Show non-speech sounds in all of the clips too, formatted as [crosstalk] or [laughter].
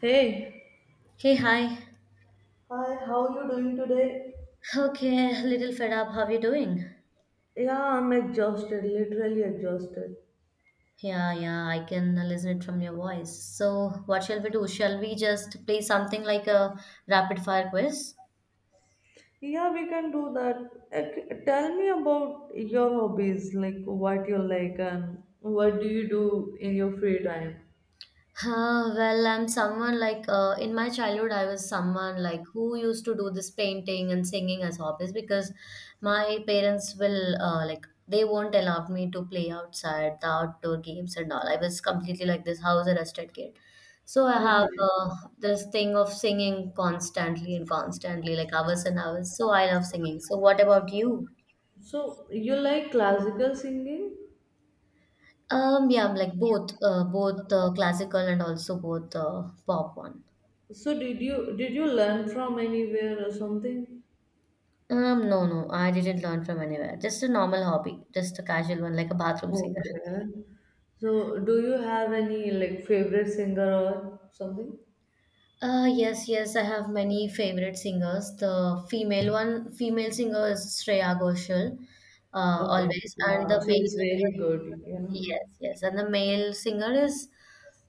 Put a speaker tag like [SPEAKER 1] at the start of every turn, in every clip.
[SPEAKER 1] Hey,
[SPEAKER 2] Hey, hi.
[SPEAKER 1] hi, how you doing today?
[SPEAKER 2] Okay, little fed up. How you doing?
[SPEAKER 1] Yeah, I'm exhausted, literally exhausted.
[SPEAKER 2] Yeah, yeah, I can listen it from your voice. So, what shall we do? Shall we just play something like a rapid fire quiz?
[SPEAKER 1] Yeah, we can do that. Like, tell me about your hobbies, like what you like and what do you do in your free time?
[SPEAKER 2] Well, I'm someone like in my childhood, I was someone like who used to do this painting and singing as hobbies because my parents will like they won't allow me to play outside the outdoor games and all. I was completely like this house arrested kid. So I have
[SPEAKER 1] Okay.
[SPEAKER 2] this thing of singing constantly and constantly, like hours and hours. So I love singing. So what about you?
[SPEAKER 1] So you like classical singing?
[SPEAKER 2] Yeah, I'm like both, both classical and also both pop one.
[SPEAKER 1] So did you learn from anywhere or something?
[SPEAKER 2] No, no, I didn't learn from anywhere. Just a normal hobby, just a casual one, like a bathroom singer.
[SPEAKER 1] Okay. So do you have any like favorite singer or something?
[SPEAKER 2] Yes, yes, I have many favorite singers. The female one, female singer is Shreya Ghoshal,
[SPEAKER 1] Okay.
[SPEAKER 2] always, and
[SPEAKER 1] Wow,
[SPEAKER 2] the male
[SPEAKER 1] she's
[SPEAKER 2] singer,
[SPEAKER 1] very good, you know.
[SPEAKER 2] yes, yes, and the male singer is,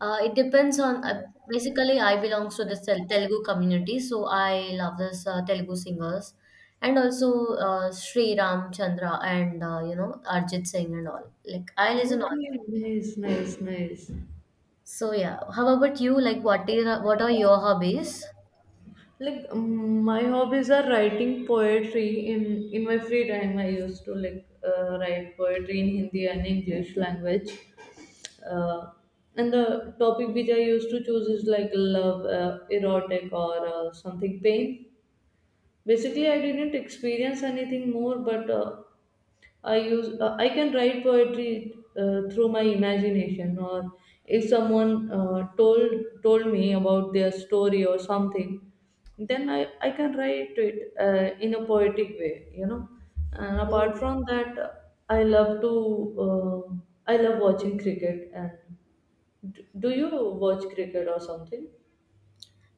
[SPEAKER 2] it depends on. Basically, I belongs to the Telugu community, so I love this Telugu singers, and also Sri Ram Chandra and you know Arjit Singh and all. Like I listen all.
[SPEAKER 1] Okay, nice, nice, nice.
[SPEAKER 2] So yeah, how about you? Like, what are your hobbies?
[SPEAKER 1] Like, my hobbies are writing poetry. In my free time, I used to like write poetry in Hindi and English language. Uh, and the topic which I used to choose is like love, erotic, or something pain. Basically, I didn't experience anything more, but I can write poetry through my imagination, or if someone told me about their story or something, then I can write it in a poetic way, you know. And apart
[SPEAKER 2] Mm.
[SPEAKER 1] from that, uh, I love watching cricket. And do you watch cricket or something?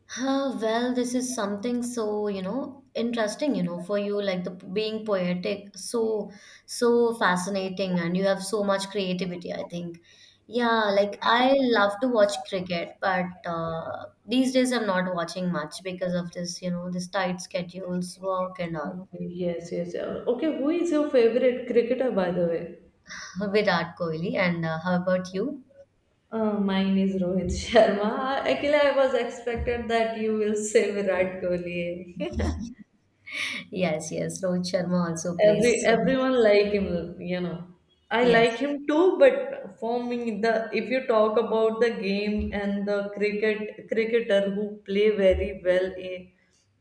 [SPEAKER 2] Well, this is something so, you know, interesting, you know, for you, like the being poetic, so, so fascinating, and you have so much creativity, I think. Yeah, like I love to watch cricket, but these days I'm not watching much because of this, you know, this tight schedules, work and all.
[SPEAKER 1] Okay. Yes, yes. Okay who is your favorite cricketer, by the way?
[SPEAKER 2] [laughs] Virat Kohli, and how about you?
[SPEAKER 1] Mine is Rohit Sharma. Actually, I was expected that you will say Virat Kohli. [laughs]
[SPEAKER 2] [laughs] Yes, yes, Rohit Sharma also plays.
[SPEAKER 1] Every
[SPEAKER 2] So,
[SPEAKER 1] everyone like him. I like
[SPEAKER 2] yes.
[SPEAKER 1] him too, but for me, the if you talk about the game and the cricketer who play very well in,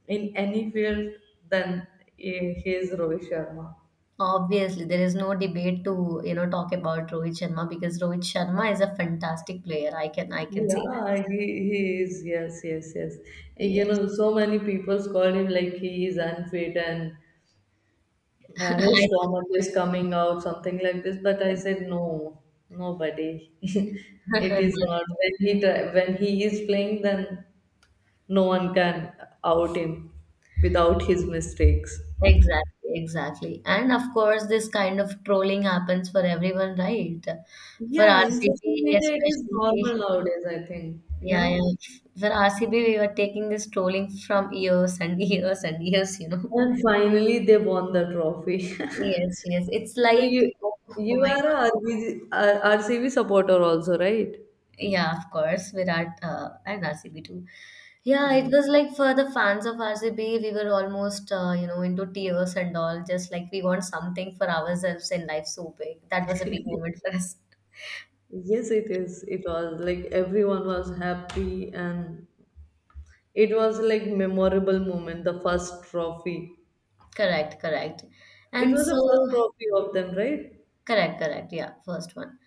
[SPEAKER 1] any field, then he is Rohit Sharma.
[SPEAKER 2] Obviously, there is no debate to, you know, talk about Rohit Sharma because Rohit Sharma is a fantastic player. I can say that.
[SPEAKER 1] Yeah, he is. Yes, yes, yes. You
[SPEAKER 2] Yes.
[SPEAKER 1] know, so many people call him like he is unfit and
[SPEAKER 2] [laughs]
[SPEAKER 1] his
[SPEAKER 2] I
[SPEAKER 1] stomach is coming out, something like this. But I said, no, nobody. [laughs] It
[SPEAKER 2] don't-
[SPEAKER 1] is
[SPEAKER 2] [laughs]
[SPEAKER 1] not. When he is playing, then no one can out him without his mistakes.
[SPEAKER 2] Exactly, exactly. And of course, this kind of trolling happens for everyone, right? For
[SPEAKER 1] Yeah, in social
[SPEAKER 2] RCB
[SPEAKER 1] media, it is
[SPEAKER 2] especially.
[SPEAKER 1] normal nowadays, I think, you
[SPEAKER 2] Yeah,
[SPEAKER 1] know.
[SPEAKER 2] yeah. For RCB, we were taking this trolling from years and years and years, you know.
[SPEAKER 1] And finally, they won the trophy. [laughs]
[SPEAKER 2] Yes, yes. It's
[SPEAKER 1] So
[SPEAKER 2] like,
[SPEAKER 1] you
[SPEAKER 2] oh, oh
[SPEAKER 1] you
[SPEAKER 2] my.
[SPEAKER 1] are a R B G, RCB supporter also, right?
[SPEAKER 2] Yeah, of course, Virat and RCB too. Yeah, it
[SPEAKER 1] Yes,
[SPEAKER 2] was like for the fans of RCB, we were almost you know into tears and all. Just like we want something for ourselves in life so big. That was a big moment for us.
[SPEAKER 1] yes, it is. It was like everyone was happy, and it was like memorable moment, the first trophy.
[SPEAKER 2] [laughs] Correct, correct.
[SPEAKER 1] It
[SPEAKER 2] And
[SPEAKER 1] was the first
[SPEAKER 2] so,
[SPEAKER 1] trophy of them, right?
[SPEAKER 2] correct, correct. Yeah, first one.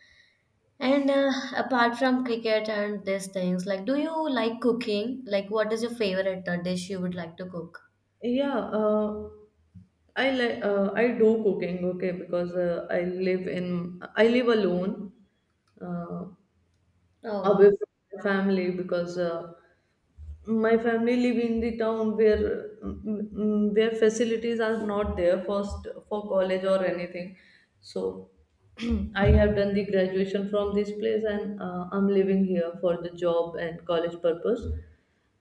[SPEAKER 2] And apart from cricket and these things, like, do you like cooking? Like, what is your favorite dish you would like to cook?
[SPEAKER 1] Yeah, I do cooking, okay, because I live alone, uh, away
[SPEAKER 2] Oh,
[SPEAKER 1] from my family because my family live in the town where where facilities are not there first for college or anything, so [clears throat] I have done the graduation from this place, and I'm living here for the job and college purpose.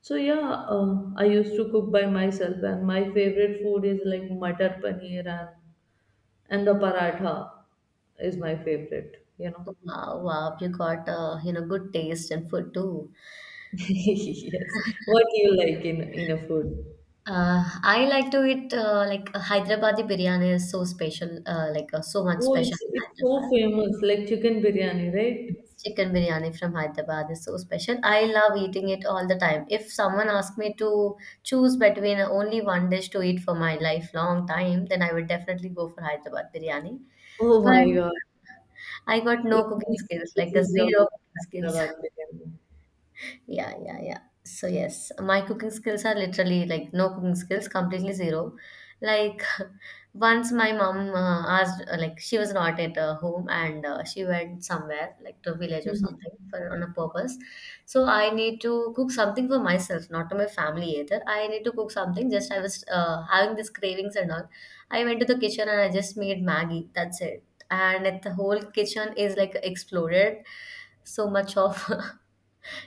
[SPEAKER 1] So yeah, I used to cook by myself, and my favorite food is like matar paneer and the paratha is my favorite, you know.
[SPEAKER 2] wow, wow! You got you know good taste in food too.
[SPEAKER 1] [laughs] Yes, what do you like in a food?
[SPEAKER 2] I like to eat like Hyderabadi biryani is so special, like so much
[SPEAKER 1] Oh,
[SPEAKER 2] special
[SPEAKER 1] it's
[SPEAKER 2] in
[SPEAKER 1] it's so
[SPEAKER 2] Hyderabad.
[SPEAKER 1] famous, like chicken biryani, right?
[SPEAKER 2] Chicken biryani from Hyderabad is so special. I love eating it all the time. If someone asked me to choose between only one dish to eat for my lifelong time, then I would definitely go for Hyderabad biryani.
[SPEAKER 1] Oh
[SPEAKER 2] But
[SPEAKER 1] my God.
[SPEAKER 2] I got no
[SPEAKER 1] It
[SPEAKER 2] cooking
[SPEAKER 1] means
[SPEAKER 2] skills,
[SPEAKER 1] this
[SPEAKER 2] like a
[SPEAKER 1] is your
[SPEAKER 2] zero cooking skills. [laughs]
[SPEAKER 1] Hyderabad biryani.
[SPEAKER 2] Yeah, yeah, yeah. So yes, my cooking skills are literally like no cooking skills, completely zero. Like [laughs] once my mom asked, like she was not at home and she went somewhere, like to a village or something, for on a purpose. So I need to cook something for myself, not to my family either. I need to cook something. Just I was having these cravings and all. I went to the kitchen and I just made Maggie. That's it. And it, the whole kitchen is like exploded so much of [laughs]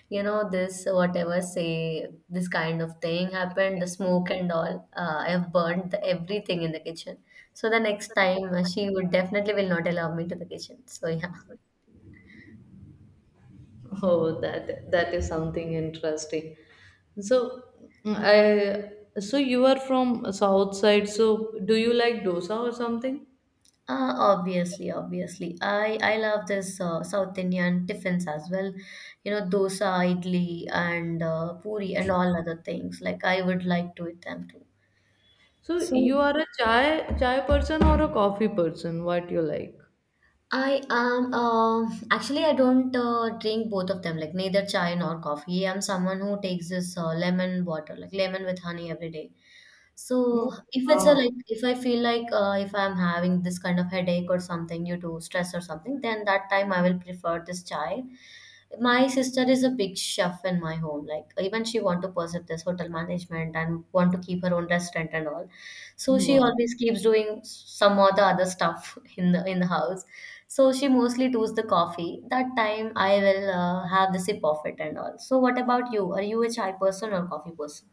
[SPEAKER 2] you know this whatever say this kind of thing happened the smoke and all I have burned the, everything in the kitchen so the next time she would definitely will not allow me to the kitchen so yeah.
[SPEAKER 1] Oh, that is something interesting. So, mm, I so you are from south side. So, do you like dosa or something?
[SPEAKER 2] Obviously, obviously, I love this South Indian tiffins as well, you know, dosa, idli and puri and all other things, like I would like to eat them too.
[SPEAKER 1] So, you
[SPEAKER 2] So
[SPEAKER 1] are a chai person or a coffee person? What you like?
[SPEAKER 2] I am actually I don't drink both of them, like neither chai nor coffee. I'm someone who takes this lemon water, like lemon with honey every day. So
[SPEAKER 1] No.
[SPEAKER 2] if it's a
[SPEAKER 1] Ah,
[SPEAKER 2] like if I feel like if I'm having this kind of headache or something due to stress or something, then that time I will prefer this chai. My sister is a big chef in my home. Like even she want to pursue this hotel management and want to keep her own restaurant and all. So she
[SPEAKER 1] wow.
[SPEAKER 2] always keeps doing some or the other stuff [laughs] in the house. So she mostly does the coffee. That time I will have the sip of it and all. So what about you? Are you a chai person or coffee person?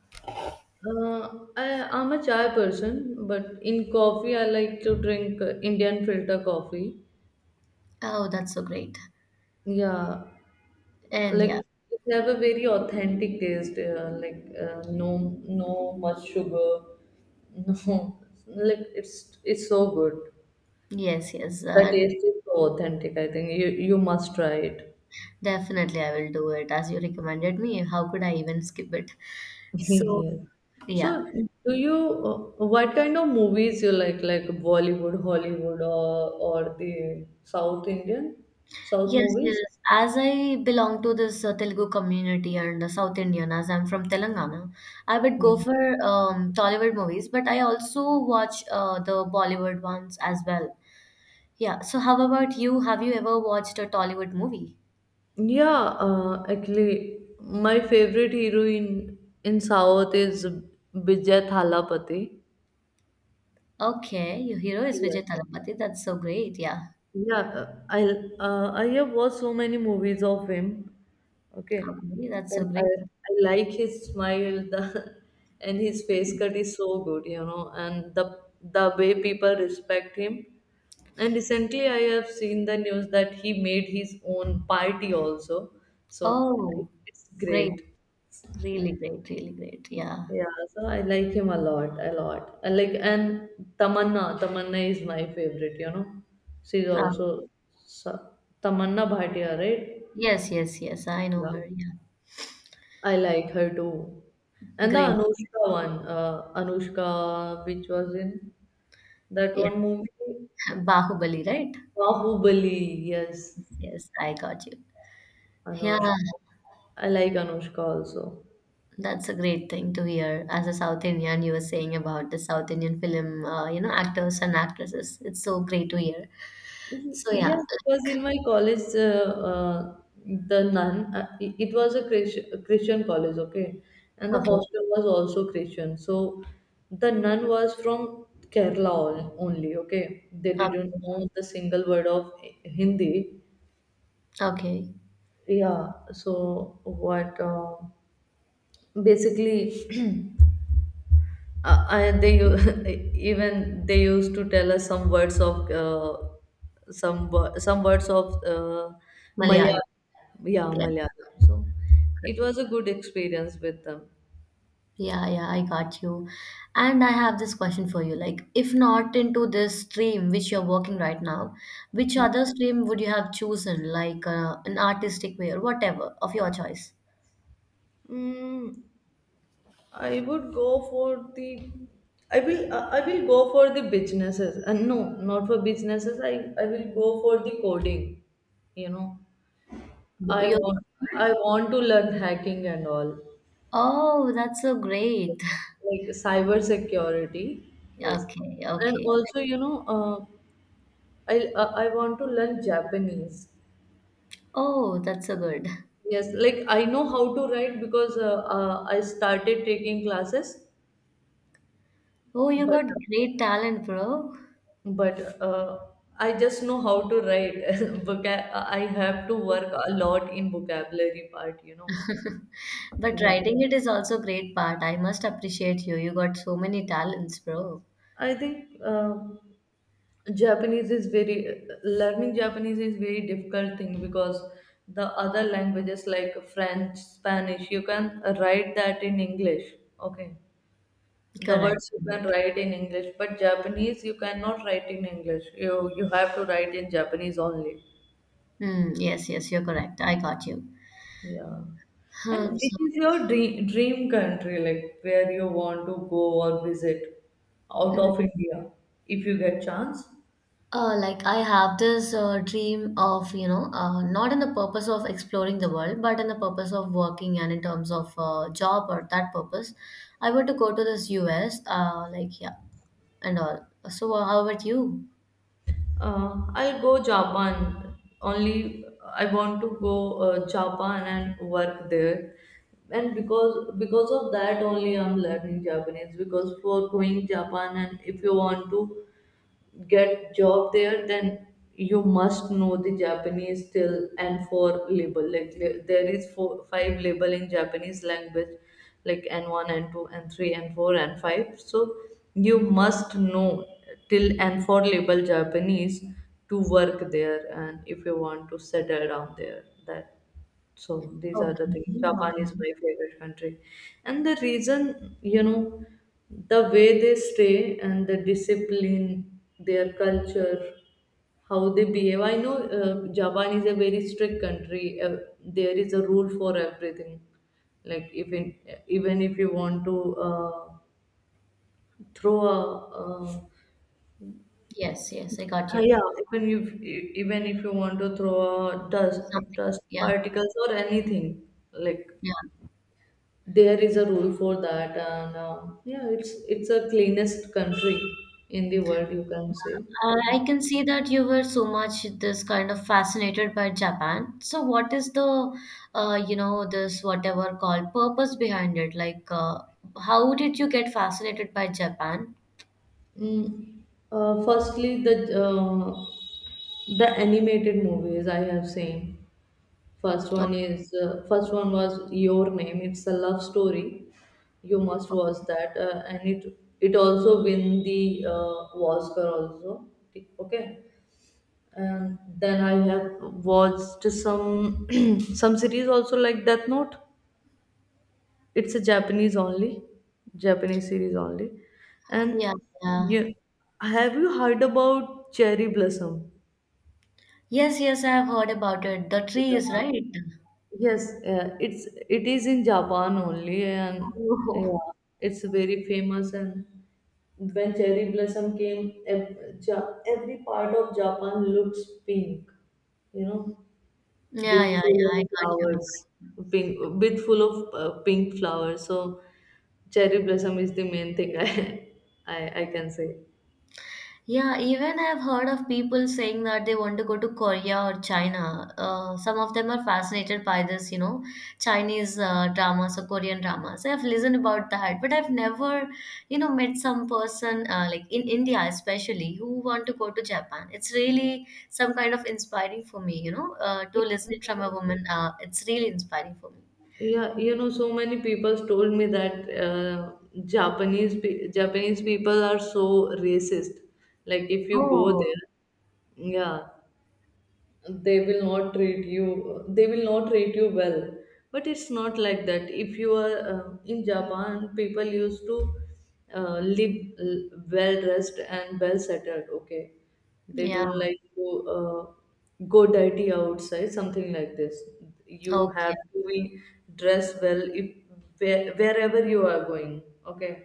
[SPEAKER 1] I'm a chai person, but in coffee, I like to drink Indian filter coffee.
[SPEAKER 2] Oh, that's so great.
[SPEAKER 1] Yeah,
[SPEAKER 2] And
[SPEAKER 1] like
[SPEAKER 2] yeah,
[SPEAKER 1] they have a very authentic taste. Like, no, no much sugar. [laughs] No, like it's so good.
[SPEAKER 2] yes, yes,
[SPEAKER 1] The
[SPEAKER 2] and
[SPEAKER 1] taste is so authentic. I think you must try it.
[SPEAKER 2] definitely I will do it as you recommended me. How could I even skip it?
[SPEAKER 1] [laughs]
[SPEAKER 2] So,
[SPEAKER 1] Yes. So,
[SPEAKER 2] yeah,
[SPEAKER 1] do you what kind of movies you like Bollywood, Hollywood, or the South Indian South
[SPEAKER 2] yes,
[SPEAKER 1] movies?
[SPEAKER 2] yes. As I belong to this Telugu community and South Indian, as I'm from Telangana, I would go
[SPEAKER 1] Hmm.
[SPEAKER 2] for Tollywood movies, but I also watch the Bollywood ones as well. Yeah, so how about you? Have you ever watched a Tollywood movie?
[SPEAKER 1] Yeah, actually, my favorite hero in South is Bijay Thalapathy.
[SPEAKER 2] Okay, your hero is
[SPEAKER 1] Yes.
[SPEAKER 2] Vijay Thalapathy. That's so great. Yeah,
[SPEAKER 1] Yeah, I have watched so many movies of him. Okay,
[SPEAKER 2] okay, that's so
[SPEAKER 1] and I,
[SPEAKER 2] great.
[SPEAKER 1] I like his smile, the [laughs] and his face cut is so good, you know, and the way people respect him. And recently, I have seen the news that he made his own party also, so
[SPEAKER 2] Oh,
[SPEAKER 1] it's
[SPEAKER 2] great.
[SPEAKER 1] great.
[SPEAKER 2] Really great, really great. Yeah.
[SPEAKER 1] Yeah, so I like him a lot, a lot. I like and Tamanna is my favorite, you know. She's
[SPEAKER 2] Um,
[SPEAKER 1] also so- Tamanna Bhatia, right?
[SPEAKER 2] yes, yes, yes. I know
[SPEAKER 1] Yeah.
[SPEAKER 2] her. Yeah.
[SPEAKER 1] I like her too. And the
[SPEAKER 2] Great.
[SPEAKER 1] Anushka one, Anushka, which was in that
[SPEAKER 2] Yes.
[SPEAKER 1] one movie,
[SPEAKER 2] [laughs] Bahubali, right?
[SPEAKER 1] Bahubali, yes,
[SPEAKER 2] Yes, I got you. Yeah,
[SPEAKER 1] Anushka. I like Anushka also.
[SPEAKER 2] that's a great thing to hear. As a South Indian, you were saying about the South Indian film, you know, actors and actresses. It's so great to hear. So
[SPEAKER 1] Yeah,
[SPEAKER 2] yeah,
[SPEAKER 1] because in my college, the nun, it was a Christian, Christian college, okay? And the
[SPEAKER 2] okay,
[SPEAKER 1] hostel was also Christian. So the nun was from Kerala only, okay? They didn't
[SPEAKER 2] okay,
[SPEAKER 1] know the single word of Hindi.
[SPEAKER 2] okay.
[SPEAKER 1] Yeah, so what? Basically, uh, and they u- [laughs] even they used to tell us some words of some words of
[SPEAKER 2] Malayalam.
[SPEAKER 1] Malayalam. Yeah,
[SPEAKER 2] Yeah.
[SPEAKER 1] Malayalam. So it was a good experience with them.
[SPEAKER 2] Yeah, yeah, I got you. And I have this question for you. Like, if not into this stream which you're working right now, which other stream would you have chosen? Like an artistic way or whatever of your choice.
[SPEAKER 1] Mm, I would go for the. I will. I will go for the businesses. No, not for businesses. I will go for the coding. You know, I
[SPEAKER 2] Your-
[SPEAKER 1] want. I want to learn hacking and all.
[SPEAKER 2] oh, that's so great. [laughs]
[SPEAKER 1] Like cyber security, yes.
[SPEAKER 2] Okay,
[SPEAKER 1] And
[SPEAKER 2] okay.
[SPEAKER 1] also, you know, i I want to learn Japanese.
[SPEAKER 2] Oh, that's so good.
[SPEAKER 1] Yes, like I know how to write, because I started taking classes.
[SPEAKER 2] Oh, you
[SPEAKER 1] But
[SPEAKER 2] got great talent, bro.
[SPEAKER 1] but uh, I just know how to write. [laughs] I have to work a lot in vocabulary part, you know.
[SPEAKER 2] But
[SPEAKER 1] Yeah,
[SPEAKER 2] writing it is also great part. I must appreciate you. You got so many talents, bro.
[SPEAKER 1] I think, Japanese is very learning Japanese is very difficult thing, because the other languages like French, Spanish, you can write that in English. Okay. The
[SPEAKER 2] Correct.
[SPEAKER 1] words you can write in English, but Japanese you cannot write in English. You have to write in Japanese only.
[SPEAKER 2] Mm, yes, yes, you're correct. I got you.
[SPEAKER 1] Yeah. And
[SPEAKER 2] Herbs.
[SPEAKER 1] which is your dream country, like where you want to go or visit out
[SPEAKER 2] Mm.
[SPEAKER 1] of India if you get chance?
[SPEAKER 2] Like I have this dream of, you know, not in the purpose of exploring the world, but in the purpose of working and in terms of job or that purpose, I want to go to this US, like yeah, and all. So how about you?
[SPEAKER 1] I'll go Japan. Only I want to go Japan and work there. And because of that only I'm learning Japanese, because for going Japan, and if you want to get job there, then you must know the Japanese still. And for label, like there is four five label in Japanese language, like N1 N2 N3 N4 and 5, so you must know till N4 label Japanese to work there. And if you want to settle down there, that. So these are the things.
[SPEAKER 2] Okay,
[SPEAKER 1] Japan is
[SPEAKER 2] okay.
[SPEAKER 1] my favorite country. And the reason, you know, the way they stay, and the discipline, their culture, how they behave. I know, Japan is a very strict country. There is a rule for everything. Like, even if you want to throw a uh,
[SPEAKER 2] Yes, yes, I got you.
[SPEAKER 1] yeah, even if you want to throw a
[SPEAKER 2] Something.
[SPEAKER 1] dust
[SPEAKER 2] Yeah,
[SPEAKER 1] particles or anything, like
[SPEAKER 2] yeah.
[SPEAKER 1] there is a rule for that. And yeah, it's a cleanest country in the world, you can say. So,
[SPEAKER 2] I can see that you were so much this kind of fascinated by Japan. So what is the you know this whatever called purpose behind it? Like how did you get fascinated by Japan?
[SPEAKER 1] mm, firstly the animated movies I have seen,
[SPEAKER 2] Oh,
[SPEAKER 1] first one was Your Name, it's a love story. You must watch that. And it also win the Oscar also, okay. And then I have watched some [clears throat] some series also, like Death Note. It's a Japanese only, Japanese series only.
[SPEAKER 2] yeah,
[SPEAKER 1] And
[SPEAKER 2] yeah.
[SPEAKER 1] yeah, have you heard about Cherry Blossom?
[SPEAKER 2] Yes, yes, I have heard about it. The trees,
[SPEAKER 1] Yeah.
[SPEAKER 2] right? [laughs]
[SPEAKER 1] Yes, yeah, it is in Japan only, and
[SPEAKER 2] Oh,
[SPEAKER 1] yeah, it's very famous. And when cherry blossom came, every part of Japan looks pink, you know.
[SPEAKER 2] yeah, yeah,
[SPEAKER 1] With full
[SPEAKER 2] yeah. I
[SPEAKER 1] of
[SPEAKER 2] got you. I
[SPEAKER 1] flowers,
[SPEAKER 2] got you.
[SPEAKER 1] pink with full of pink flowers. So cherry blossom is the main thing I [laughs] I can say.
[SPEAKER 2] Yeah, even I've heard of people saying that they want to go to Korea or China. Some of them are fascinated by this, you know, Chinese dramas or Korean dramas. I've listened about that, but I've never, you know, met some person like in India, especially who want to go to Japan. It's really some kind of inspiring for me, you know, to listen it from a woman. It's really inspiring for me.
[SPEAKER 1] Yeah, you know, so many people told me that Japanese people are so racist. Like if you go
[SPEAKER 2] Oh,
[SPEAKER 1] there, yeah, they will not treat you well. But it's not like that. If you are in Japan, people used to live well dressed and well settled, okay. They
[SPEAKER 2] yeah.
[SPEAKER 1] don't like to go dirty outside, something like this. You have
[SPEAKER 2] Okay.
[SPEAKER 1] to be dressed well if wherever you are going, okay.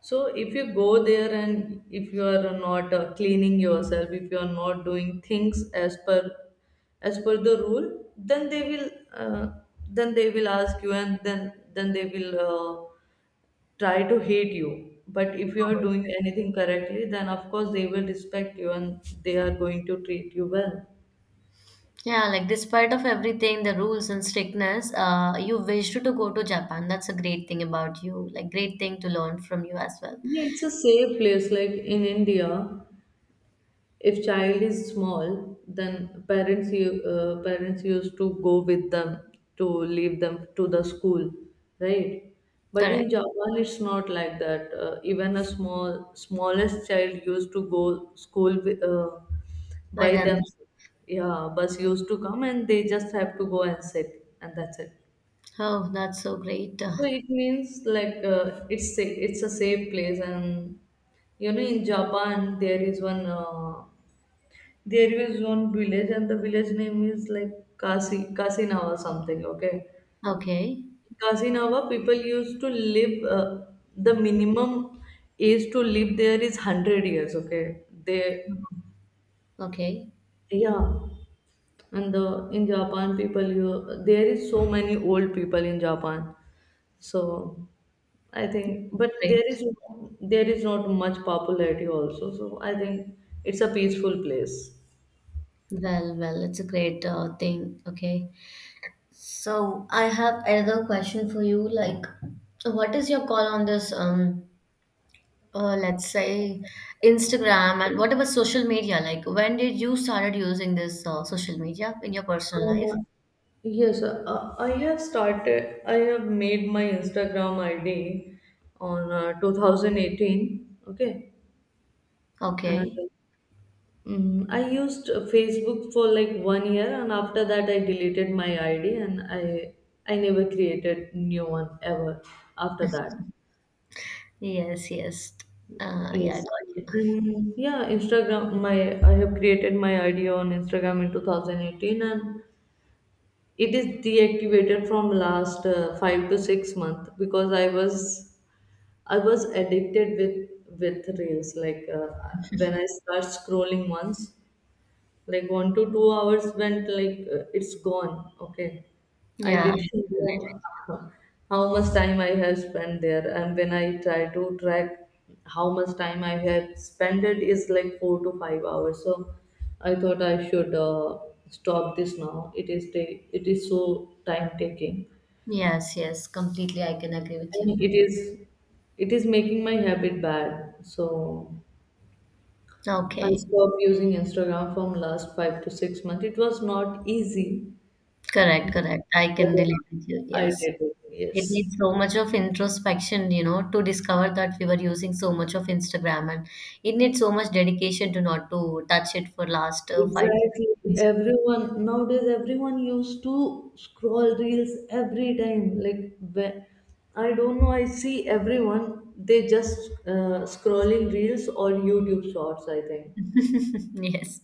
[SPEAKER 1] So if you go there, and if you are not cleaning yourself, if you are not doing things as per the rule, then they will ask you, and then they will try to hate you. But if you are doing anything correctly, then of course they will respect you, and they are going to treat you well.
[SPEAKER 2] Yeah, like despite of everything, the rules and strictness, you wished to go to Japan. That's a great thing about you, like great thing to learn from you as well.
[SPEAKER 1] Yeah, it's a safe place. Like in India, if child is small, then parents used to go with them to leave them to the school, right? But in
[SPEAKER 2] Correct.
[SPEAKER 1] Japan it's not like that. Even a small smallest child used to go school
[SPEAKER 2] By
[SPEAKER 1] by them.
[SPEAKER 2] then,
[SPEAKER 1] Yeah, bus used to come and they just have to go and sit, and that's it.
[SPEAKER 2] oh, that's so great.
[SPEAKER 1] So it means, like, it's a safe place. And you know, in Japan there is one village, and the village name is like Kasinawa something. Okay,
[SPEAKER 2] Okay,
[SPEAKER 1] Kasinawa people used to live. The minimum age to live there is 100 years. Okay, they
[SPEAKER 2] okay,
[SPEAKER 1] yeah, and the in Japan people you there is so many old people in Japan. So but
[SPEAKER 2] great.
[SPEAKER 1] there is not much popularity also. So I think it's a peaceful place.
[SPEAKER 2] Well, well, it's a great thing. Okay. So I have another question for you. Like, what is your call on this? Let's say Instagram and whatever social media. Like, when did you started using this social media in your personal life?
[SPEAKER 1] Uh, Yes, I have made my Instagram ID on 2018. Okay, and
[SPEAKER 2] Okay.
[SPEAKER 1] I used Facebook for like 1 year, and after that, I deleted my ID, and I never created new one ever after that.
[SPEAKER 2] Yes, yes. Yeah, I
[SPEAKER 1] Yes,
[SPEAKER 2] got you.
[SPEAKER 1] and yeah, Instagram. My I have created my ID on Instagram in 2018, and it is deactivated from last 5 to 6 months because I was addicted with reels when I start scrolling once like 1 to 2 hours went it's gone. Okay. I
[SPEAKER 2] Yeah.
[SPEAKER 1] didn't [laughs] know how much time I have spent there. And when I try to track how much time I have spent, it is like 4 to 5 hours. So I thought I should stop this now. It is so time taking,
[SPEAKER 2] Yes, yes. Completely, I can agree with you.
[SPEAKER 1] and it is making my habit bad. So I
[SPEAKER 2] Okay.
[SPEAKER 1] stopped using Instagram from last 5 to 6 months. It was not easy.
[SPEAKER 2] Correct,
[SPEAKER 1] But
[SPEAKER 2] correct. I can
[SPEAKER 1] yeah,
[SPEAKER 2] relate with you.
[SPEAKER 1] I
[SPEAKER 2] Yes.
[SPEAKER 1] get it.
[SPEAKER 2] It
[SPEAKER 1] Yes.
[SPEAKER 2] needs so much of introspection, you know, to discover that we were using so much of Instagram, and it needs so much dedication to not to touch it for last five to
[SPEAKER 1] Exactly.
[SPEAKER 2] six
[SPEAKER 1] Everyone nowadays, everyone used to scroll reels every time. When, I don't know. I see everyone. They just scrolling reels or YouTube shorts. I think
[SPEAKER 2] months. [laughs] Yes.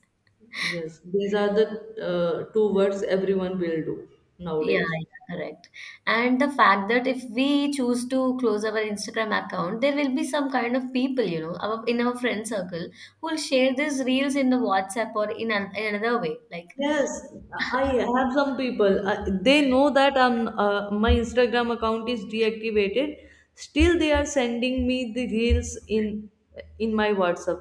[SPEAKER 1] yes, these are the two words everyone will do
[SPEAKER 2] Yeah,
[SPEAKER 1] nowadays.
[SPEAKER 2] yeah, correct. And the fact that if we choose to close our Instagram account, there will be some kind of people, you know, our, in our friend circle who will share these reels in the WhatsApp or in, an, in another way. Like,
[SPEAKER 1] Yes, I have some people. They know that my Instagram account is deactivated. Still, they are sending me the reels in my WhatsApp.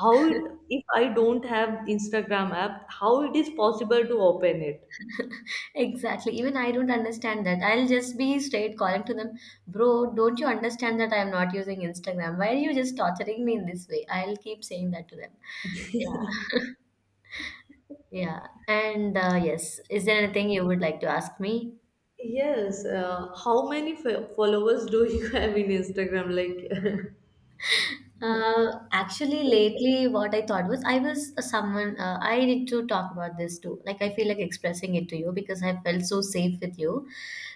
[SPEAKER 1] If I don't have Instagram app, how it is possible to open it?
[SPEAKER 2] [laughs] exactly. Even I don't understand that. I'll just be straight calling to them, bro, don't you understand that I am not using Instagram? Why are you just torturing me in this way? I'll keep saying that to them. Yeah, yeah. And yes, is there anything you would like to ask me?
[SPEAKER 1] Yes. How many followers do you [laughs] have in Instagram? Like, [laughs]
[SPEAKER 2] Actually, lately, what I thought was I was someone. I need to talk about this too. Like, I feel like expressing it to you because I felt so safe with you.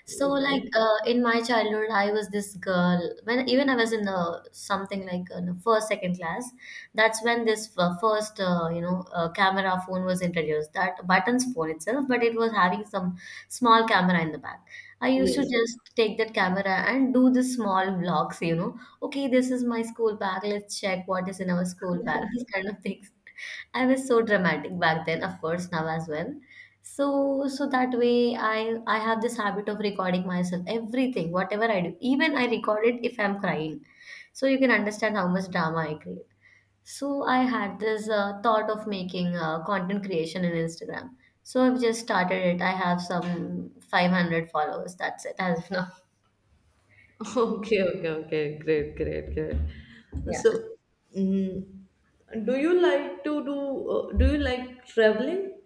[SPEAKER 2] So, like,
[SPEAKER 1] okay.
[SPEAKER 2] in my childhood, I was this girl. When even I was in the something like in the first, second class, that's when this first, camera phone was introduced. That buttons phone itself, but it was having some small camera in the back. I used to
[SPEAKER 1] Yes.
[SPEAKER 2] just take that camera and do the small vlogs, you know, okay, this is my school bag. Let's check what is in our school bag. These kind of things. [laughs] I was so dramatic back then, of course, now as well. So that way I have this habit of recording myself, everything, whatever I do. Even I record it if I'm crying. So you can understand how much drama I create. So I had this thought of making content creation in Instagram. So I've just started it. I have some 500 followers. That's it as of now.
[SPEAKER 1] Okay, okay, okay. Great, great, great.
[SPEAKER 2] Yeah.
[SPEAKER 1] So, mm, do you like to do? Do you like traveling?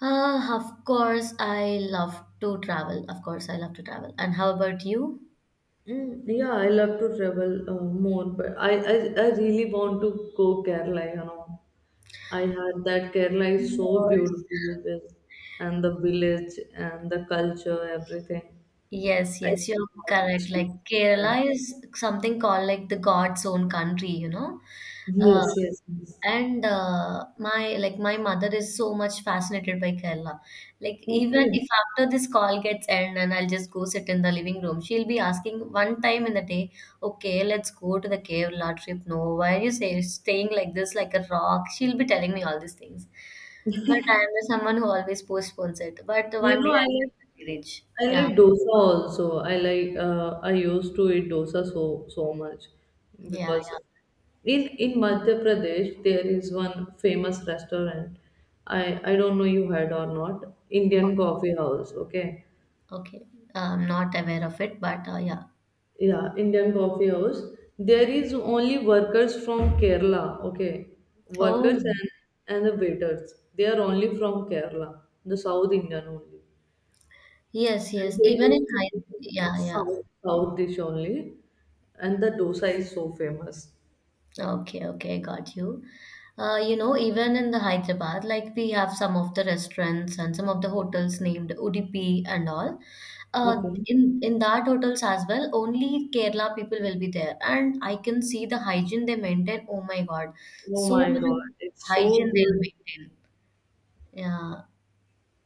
[SPEAKER 2] Ah, of course, I love to travel. Of course, I love to travel. And how about you?
[SPEAKER 1] Yeah, I love to travel more, but I really want to go Kerala. You know, I heard that Kerala is
[SPEAKER 2] Of
[SPEAKER 1] so
[SPEAKER 2] course.
[SPEAKER 1] beautiful with and the village and the culture, everything.
[SPEAKER 2] Yes,
[SPEAKER 1] I
[SPEAKER 2] yes, you're
[SPEAKER 1] want to
[SPEAKER 2] correct. Like
[SPEAKER 1] experience that.
[SPEAKER 2] Kerala is something called like the God's own country, you know. Uh,
[SPEAKER 1] Yes, yes, yes.
[SPEAKER 2] And my like my mother is so much fascinated by Kerala. Like even
[SPEAKER 1] Okay.
[SPEAKER 2] if after this call gets end and I'll just go sit in the living room, she'll be asking one time in the day, "Okay, let's go to the Kerala trip." No, why are you say, staying like this, like a rock? She'll be telling me all these things. But I am someone who always postpones it. But
[SPEAKER 1] You
[SPEAKER 2] one
[SPEAKER 1] know,
[SPEAKER 2] day I'll definitely reach.
[SPEAKER 1] I
[SPEAKER 2] Yeah,
[SPEAKER 1] like dosa also. I like I used to eat dosa so so much
[SPEAKER 2] yeah,
[SPEAKER 1] because
[SPEAKER 2] yeah.
[SPEAKER 1] in Madhya Pradesh there is one famous restaurant. I I don't know you had or not. Indian
[SPEAKER 2] O-
[SPEAKER 1] Coffee House. Okay.
[SPEAKER 2] Okay, I'm not aware of it, but yeah.
[SPEAKER 1] Yeah, Indian Coffee House. There is only workers from Kerala. Okay,
[SPEAKER 2] Oh.
[SPEAKER 1] workers and the waiters. They are only from Kerala, the South Indian only.
[SPEAKER 2] Yes,
[SPEAKER 1] And
[SPEAKER 2] yes.
[SPEAKER 1] they
[SPEAKER 2] Even
[SPEAKER 1] used
[SPEAKER 2] in
[SPEAKER 1] to
[SPEAKER 2] high,
[SPEAKER 1] do
[SPEAKER 2] yeah, yeah.
[SPEAKER 1] south south dish only, and the dosa is so famous.
[SPEAKER 2] Okay, okay, got you. You know, even in the Hyderabad, like we have some of the restaurants and some of the hotels named Udupi and all. Uh,
[SPEAKER 1] Okay.
[SPEAKER 2] in that hotels as well, only Kerala people will be there, and I can see the hygiene they maintain. Oh my God,
[SPEAKER 1] Oh
[SPEAKER 2] so
[SPEAKER 1] my
[SPEAKER 2] much
[SPEAKER 1] God,
[SPEAKER 2] of
[SPEAKER 1] it's
[SPEAKER 2] hygiene
[SPEAKER 1] so
[SPEAKER 2] they'll
[SPEAKER 1] good.
[SPEAKER 2] maintain. Yeah,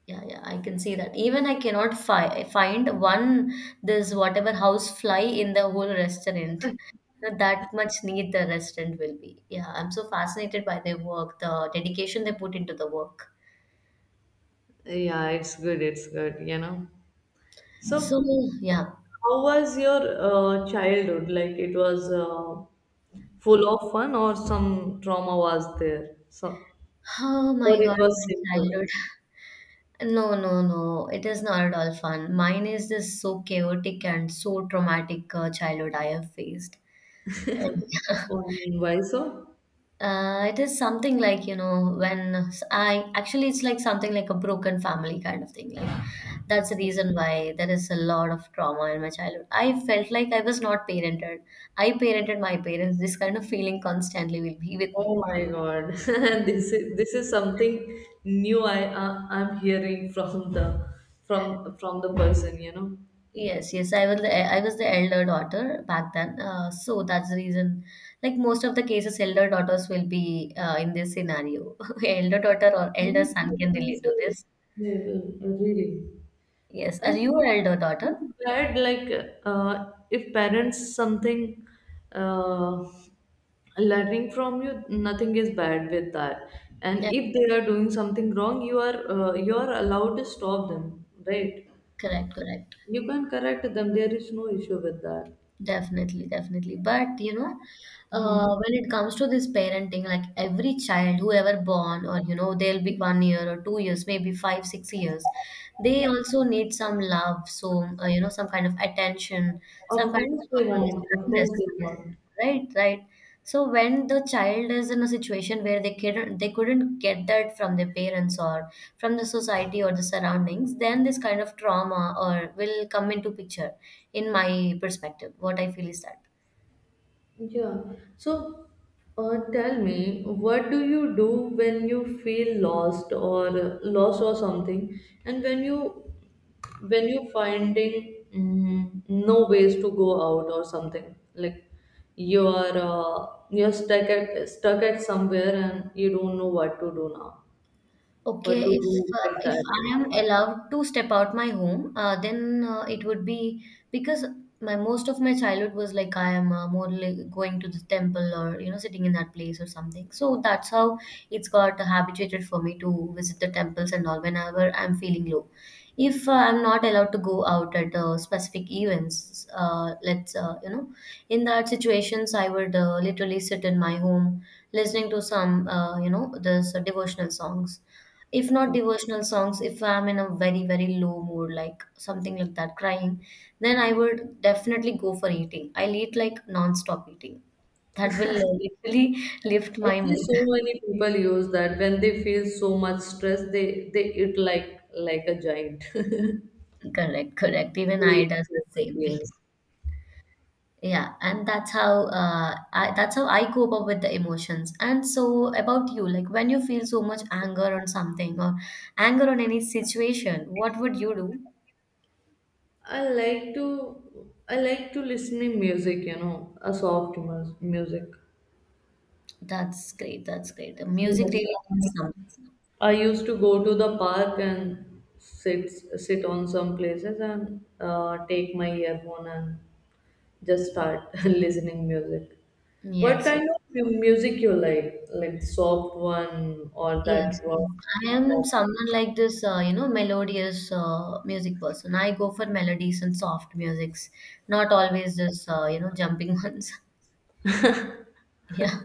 [SPEAKER 2] yeah, yeah, I can see that. Even I cannot fi find one this whatever house fly in the whole restaurant. [laughs] That much neat the restaurant will be. Yeah, I'm so fascinated by their work, the dedication they put into the work.
[SPEAKER 1] Yeah, it's good. It's good, you know.
[SPEAKER 2] So,
[SPEAKER 1] So,
[SPEAKER 2] yeah.
[SPEAKER 1] how was your childhood? Like, it was full of fun, or some trauma was there? So,
[SPEAKER 2] Oh
[SPEAKER 1] or
[SPEAKER 2] my
[SPEAKER 1] it
[SPEAKER 2] God,
[SPEAKER 1] was
[SPEAKER 2] my childhood.
[SPEAKER 1] simple?
[SPEAKER 2] No, no, no. It is not at all fun. Mine is this so chaotic and so traumatic childhood I have faced. And [laughs]
[SPEAKER 1] Only why so?
[SPEAKER 2] It is something like, you know, when I actually, it's like something like a broken family kind of thing. Like, that's the reason why there is a lot of trauma in my childhood. I felt like I was not parented. I parented my parents. This kind of feeling constantly will be with
[SPEAKER 1] Oh
[SPEAKER 2] me.
[SPEAKER 1] my God. [laughs] This is something new I I'm hearing from the from the person, you know.
[SPEAKER 2] Yes, yes, I was the elder daughter back then. So that's the reason. Like most of the cases, elder daughters will be in this scenario. [laughs] Elder daughter or elder
[SPEAKER 1] Yes, you
[SPEAKER 2] son can
[SPEAKER 1] can
[SPEAKER 2] relate
[SPEAKER 1] say
[SPEAKER 2] to
[SPEAKER 1] it.
[SPEAKER 2] this.
[SPEAKER 1] Yeah, really.
[SPEAKER 2] Yes, are
[SPEAKER 1] And
[SPEAKER 2] you an elder
[SPEAKER 1] it's
[SPEAKER 2] daughter?
[SPEAKER 1] bad, like if parents something uh, learning from you, nothing is bad with that. And
[SPEAKER 2] Yeah,
[SPEAKER 1] if they are doing something wrong, you are allowed to stop them, right?
[SPEAKER 2] correct, correct.
[SPEAKER 1] You can correct them. There is no issue with that.
[SPEAKER 2] Definitely, definitely. But you know,
[SPEAKER 1] Hmm.
[SPEAKER 2] when it comes to this parenting, like every child, whoever born, or you know, they'll be one year or two years, maybe five, six years, they also need some love. So, you know, some kind of attention,
[SPEAKER 1] Of
[SPEAKER 2] some kind
[SPEAKER 1] course
[SPEAKER 2] of
[SPEAKER 1] they
[SPEAKER 2] this
[SPEAKER 1] want. Of course
[SPEAKER 2] kindness.
[SPEAKER 1] they want.
[SPEAKER 2] Right, right. So when the child is in a situation where they couldn't get that from their parents or from the society or the surroundings, then this kind of trauma or will come into picture in my perspective. What I feel is that.
[SPEAKER 1] Yeah. So, tell me, what do you do when you feel lost or lost or something, and when you finding no ways to go out or something like you are you're stuck at somewhere and you don't know what to do now, what to
[SPEAKER 2] Okay,
[SPEAKER 1] do at
[SPEAKER 2] if
[SPEAKER 1] that
[SPEAKER 2] I
[SPEAKER 1] time.
[SPEAKER 2] am allowed to step out my home, then it would be because my most of my childhood was like I am more like going to the temple or you know sitting in that place or something. So that's how it's got habituated for me to visit the temples and all whenever I'm feeling low. If I'm not allowed to go out at specific events, let's in that situations I would literally sit in my home listening to some you know this devotional songs. If not devotional songs, if I'm in a very very low mood like something like that crying, then I would definitely go for eating. I'll eat like non-stop eating. That will literally [laughs] lift my
[SPEAKER 1] Actually, so
[SPEAKER 2] mood.
[SPEAKER 1] many people use that when they feel so much stress, they eat like a giant. [laughs]
[SPEAKER 2] [laughs] Correct, correct, even
[SPEAKER 1] They
[SPEAKER 2] I
[SPEAKER 1] eat
[SPEAKER 2] does the
[SPEAKER 1] so much.
[SPEAKER 2] same thing.
[SPEAKER 1] Yes,
[SPEAKER 2] Yeah, and that's how that's how I cope up with the emotions. And so about you, like when you feel so much anger on something or anger on any situation, what would you do?
[SPEAKER 1] I like to listening music. You know, a soft music.
[SPEAKER 2] That's great, that's great, the music
[SPEAKER 1] Yes,
[SPEAKER 2] really
[SPEAKER 1] um,
[SPEAKER 2] is something.
[SPEAKER 1] I used to go to the park and sit on some places and take my earphone and just start [laughs] listening music. What
[SPEAKER 2] Yes, yes.
[SPEAKER 1] kind of music you like? Like the soft one or
[SPEAKER 2] Yes,
[SPEAKER 1] that rock
[SPEAKER 2] I
[SPEAKER 1] hip
[SPEAKER 2] am
[SPEAKER 1] hop?
[SPEAKER 2] someone like this, melodious music person. I go for melodies and soft musics, not always this, jumping [laughs] ones. Yeah.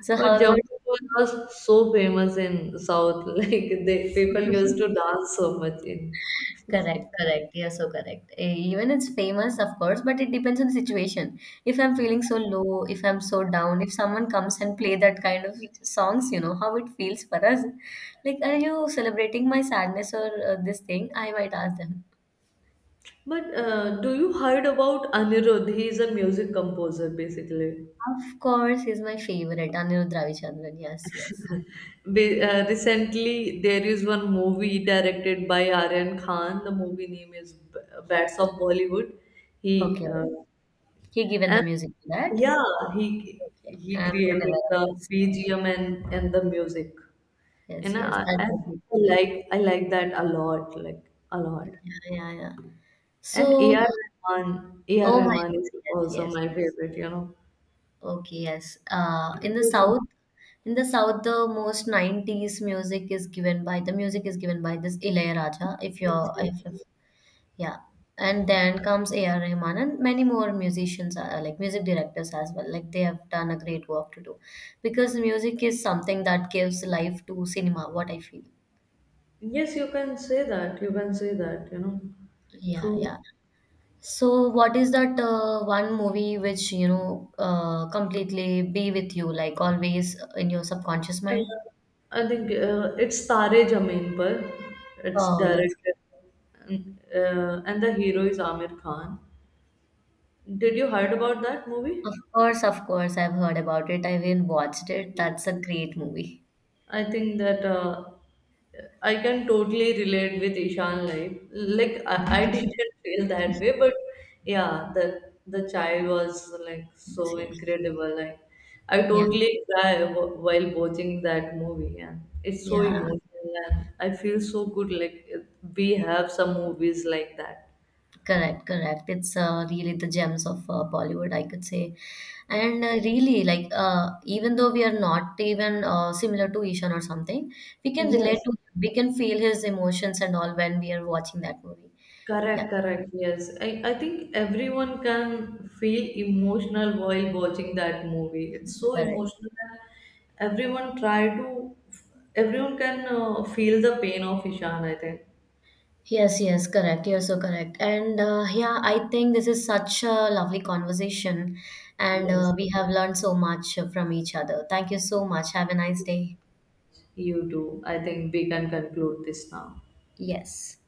[SPEAKER 2] So
[SPEAKER 1] Or
[SPEAKER 2] how about?
[SPEAKER 1] jumping was so famous in South. [laughs] Like they people used to
[SPEAKER 2] [laughs]
[SPEAKER 1] dance so much in.
[SPEAKER 2] Correct, correct. You're so correct. Even it's famous, of course, but it depends on the situation. If I'm feeling so low, if I'm so down, if someone comes and play that kind of songs, you know how it feels for us. Like, are you celebrating my sadness or this thing? I might ask them.
[SPEAKER 1] But do you heard about Anirudh? He is a music composer basically.
[SPEAKER 2] Of course, he's my favorite, Anirudh Ravichandran. Yes, yes.
[SPEAKER 1] Recently, there is one movie directed by Aryan Khan. The movie name is Bats of Bollywood. He
[SPEAKER 2] Okay. He given the
[SPEAKER 1] and
[SPEAKER 2] music to that.
[SPEAKER 1] Yeah, he
[SPEAKER 2] I'm not aware
[SPEAKER 1] created the
[SPEAKER 2] of this.
[SPEAKER 1] BGM and the music.
[SPEAKER 2] Yes,
[SPEAKER 1] And
[SPEAKER 2] yes.
[SPEAKER 1] I,
[SPEAKER 2] That
[SPEAKER 1] I
[SPEAKER 2] would be
[SPEAKER 1] I
[SPEAKER 2] good.
[SPEAKER 1] like I like that a lot, like a
[SPEAKER 2] Yeah,
[SPEAKER 1] lot.
[SPEAKER 2] yeah, yeah.
[SPEAKER 1] And
[SPEAKER 2] So,
[SPEAKER 1] AR
[SPEAKER 2] oh my
[SPEAKER 1] Rahman
[SPEAKER 2] God.
[SPEAKER 1] is
[SPEAKER 2] Yes,
[SPEAKER 1] also
[SPEAKER 2] yes,
[SPEAKER 1] my
[SPEAKER 2] yes.
[SPEAKER 1] favorite, you know.
[SPEAKER 2] Okay, yes. In the
[SPEAKER 1] Because,
[SPEAKER 2] South, in the South, the most 90s music is given by, the music is given by this Ilayaraja, if you're,
[SPEAKER 1] uh,
[SPEAKER 2] if yeah. And then comes A.R. Rahman and many more musicians are like music directors as well. Like they have done a great work to do because music is something that gives life to cinema, what I feel.
[SPEAKER 1] yes, you can say that. You can say that, you know.
[SPEAKER 2] Yeah,
[SPEAKER 1] True.
[SPEAKER 2] yeah. So what is that one movie which, you know, completely be with you, like always in your subconscious mind?
[SPEAKER 1] And I think it's Tare Zameen Par. It's
[SPEAKER 2] Oh, that's
[SPEAKER 1] directed, and the hero is Amir Khan. Did you heard about that movie?
[SPEAKER 2] of course, of course. I've heard about it. I even watched it. That's a great movie.
[SPEAKER 1] I think that I can totally relate with Ishan life. Like I didn't
[SPEAKER 2] [laughs]
[SPEAKER 1] [laughs] feel that way, but yeah, the child was like
[SPEAKER 2] Yes,
[SPEAKER 1] so
[SPEAKER 2] yes.
[SPEAKER 1] incredible. Like I
[SPEAKER 2] Yeah,
[SPEAKER 1] totally cry while watching that movie, and it's so
[SPEAKER 2] yeah.
[SPEAKER 1] emotional, and I feel so good. Like we have some movies like that.
[SPEAKER 2] Correct, correct. It's really the gems of Bollywood, I could say. And really, like, even though we are not even similar to Ishan or something, we can relate
[SPEAKER 1] Yes.
[SPEAKER 2] to, we can feel his emotions and all when we are watching that movie. Yeah,
[SPEAKER 1] Correct, correct. Yes. I think everyone can feel emotional while watching that movie. It's so
[SPEAKER 2] correct.
[SPEAKER 1] emotional and everyone try to, everyone can feel the pain of Ishan, I think.
[SPEAKER 2] Yes, yes, correct. You're so correct. And yeah, I think this is such a lovely conversation, and
[SPEAKER 1] Yes,
[SPEAKER 2] we have learned so much from each other. Thank you so much. Have a nice day.
[SPEAKER 1] you do. I think we can conclude this now.
[SPEAKER 2] Yes.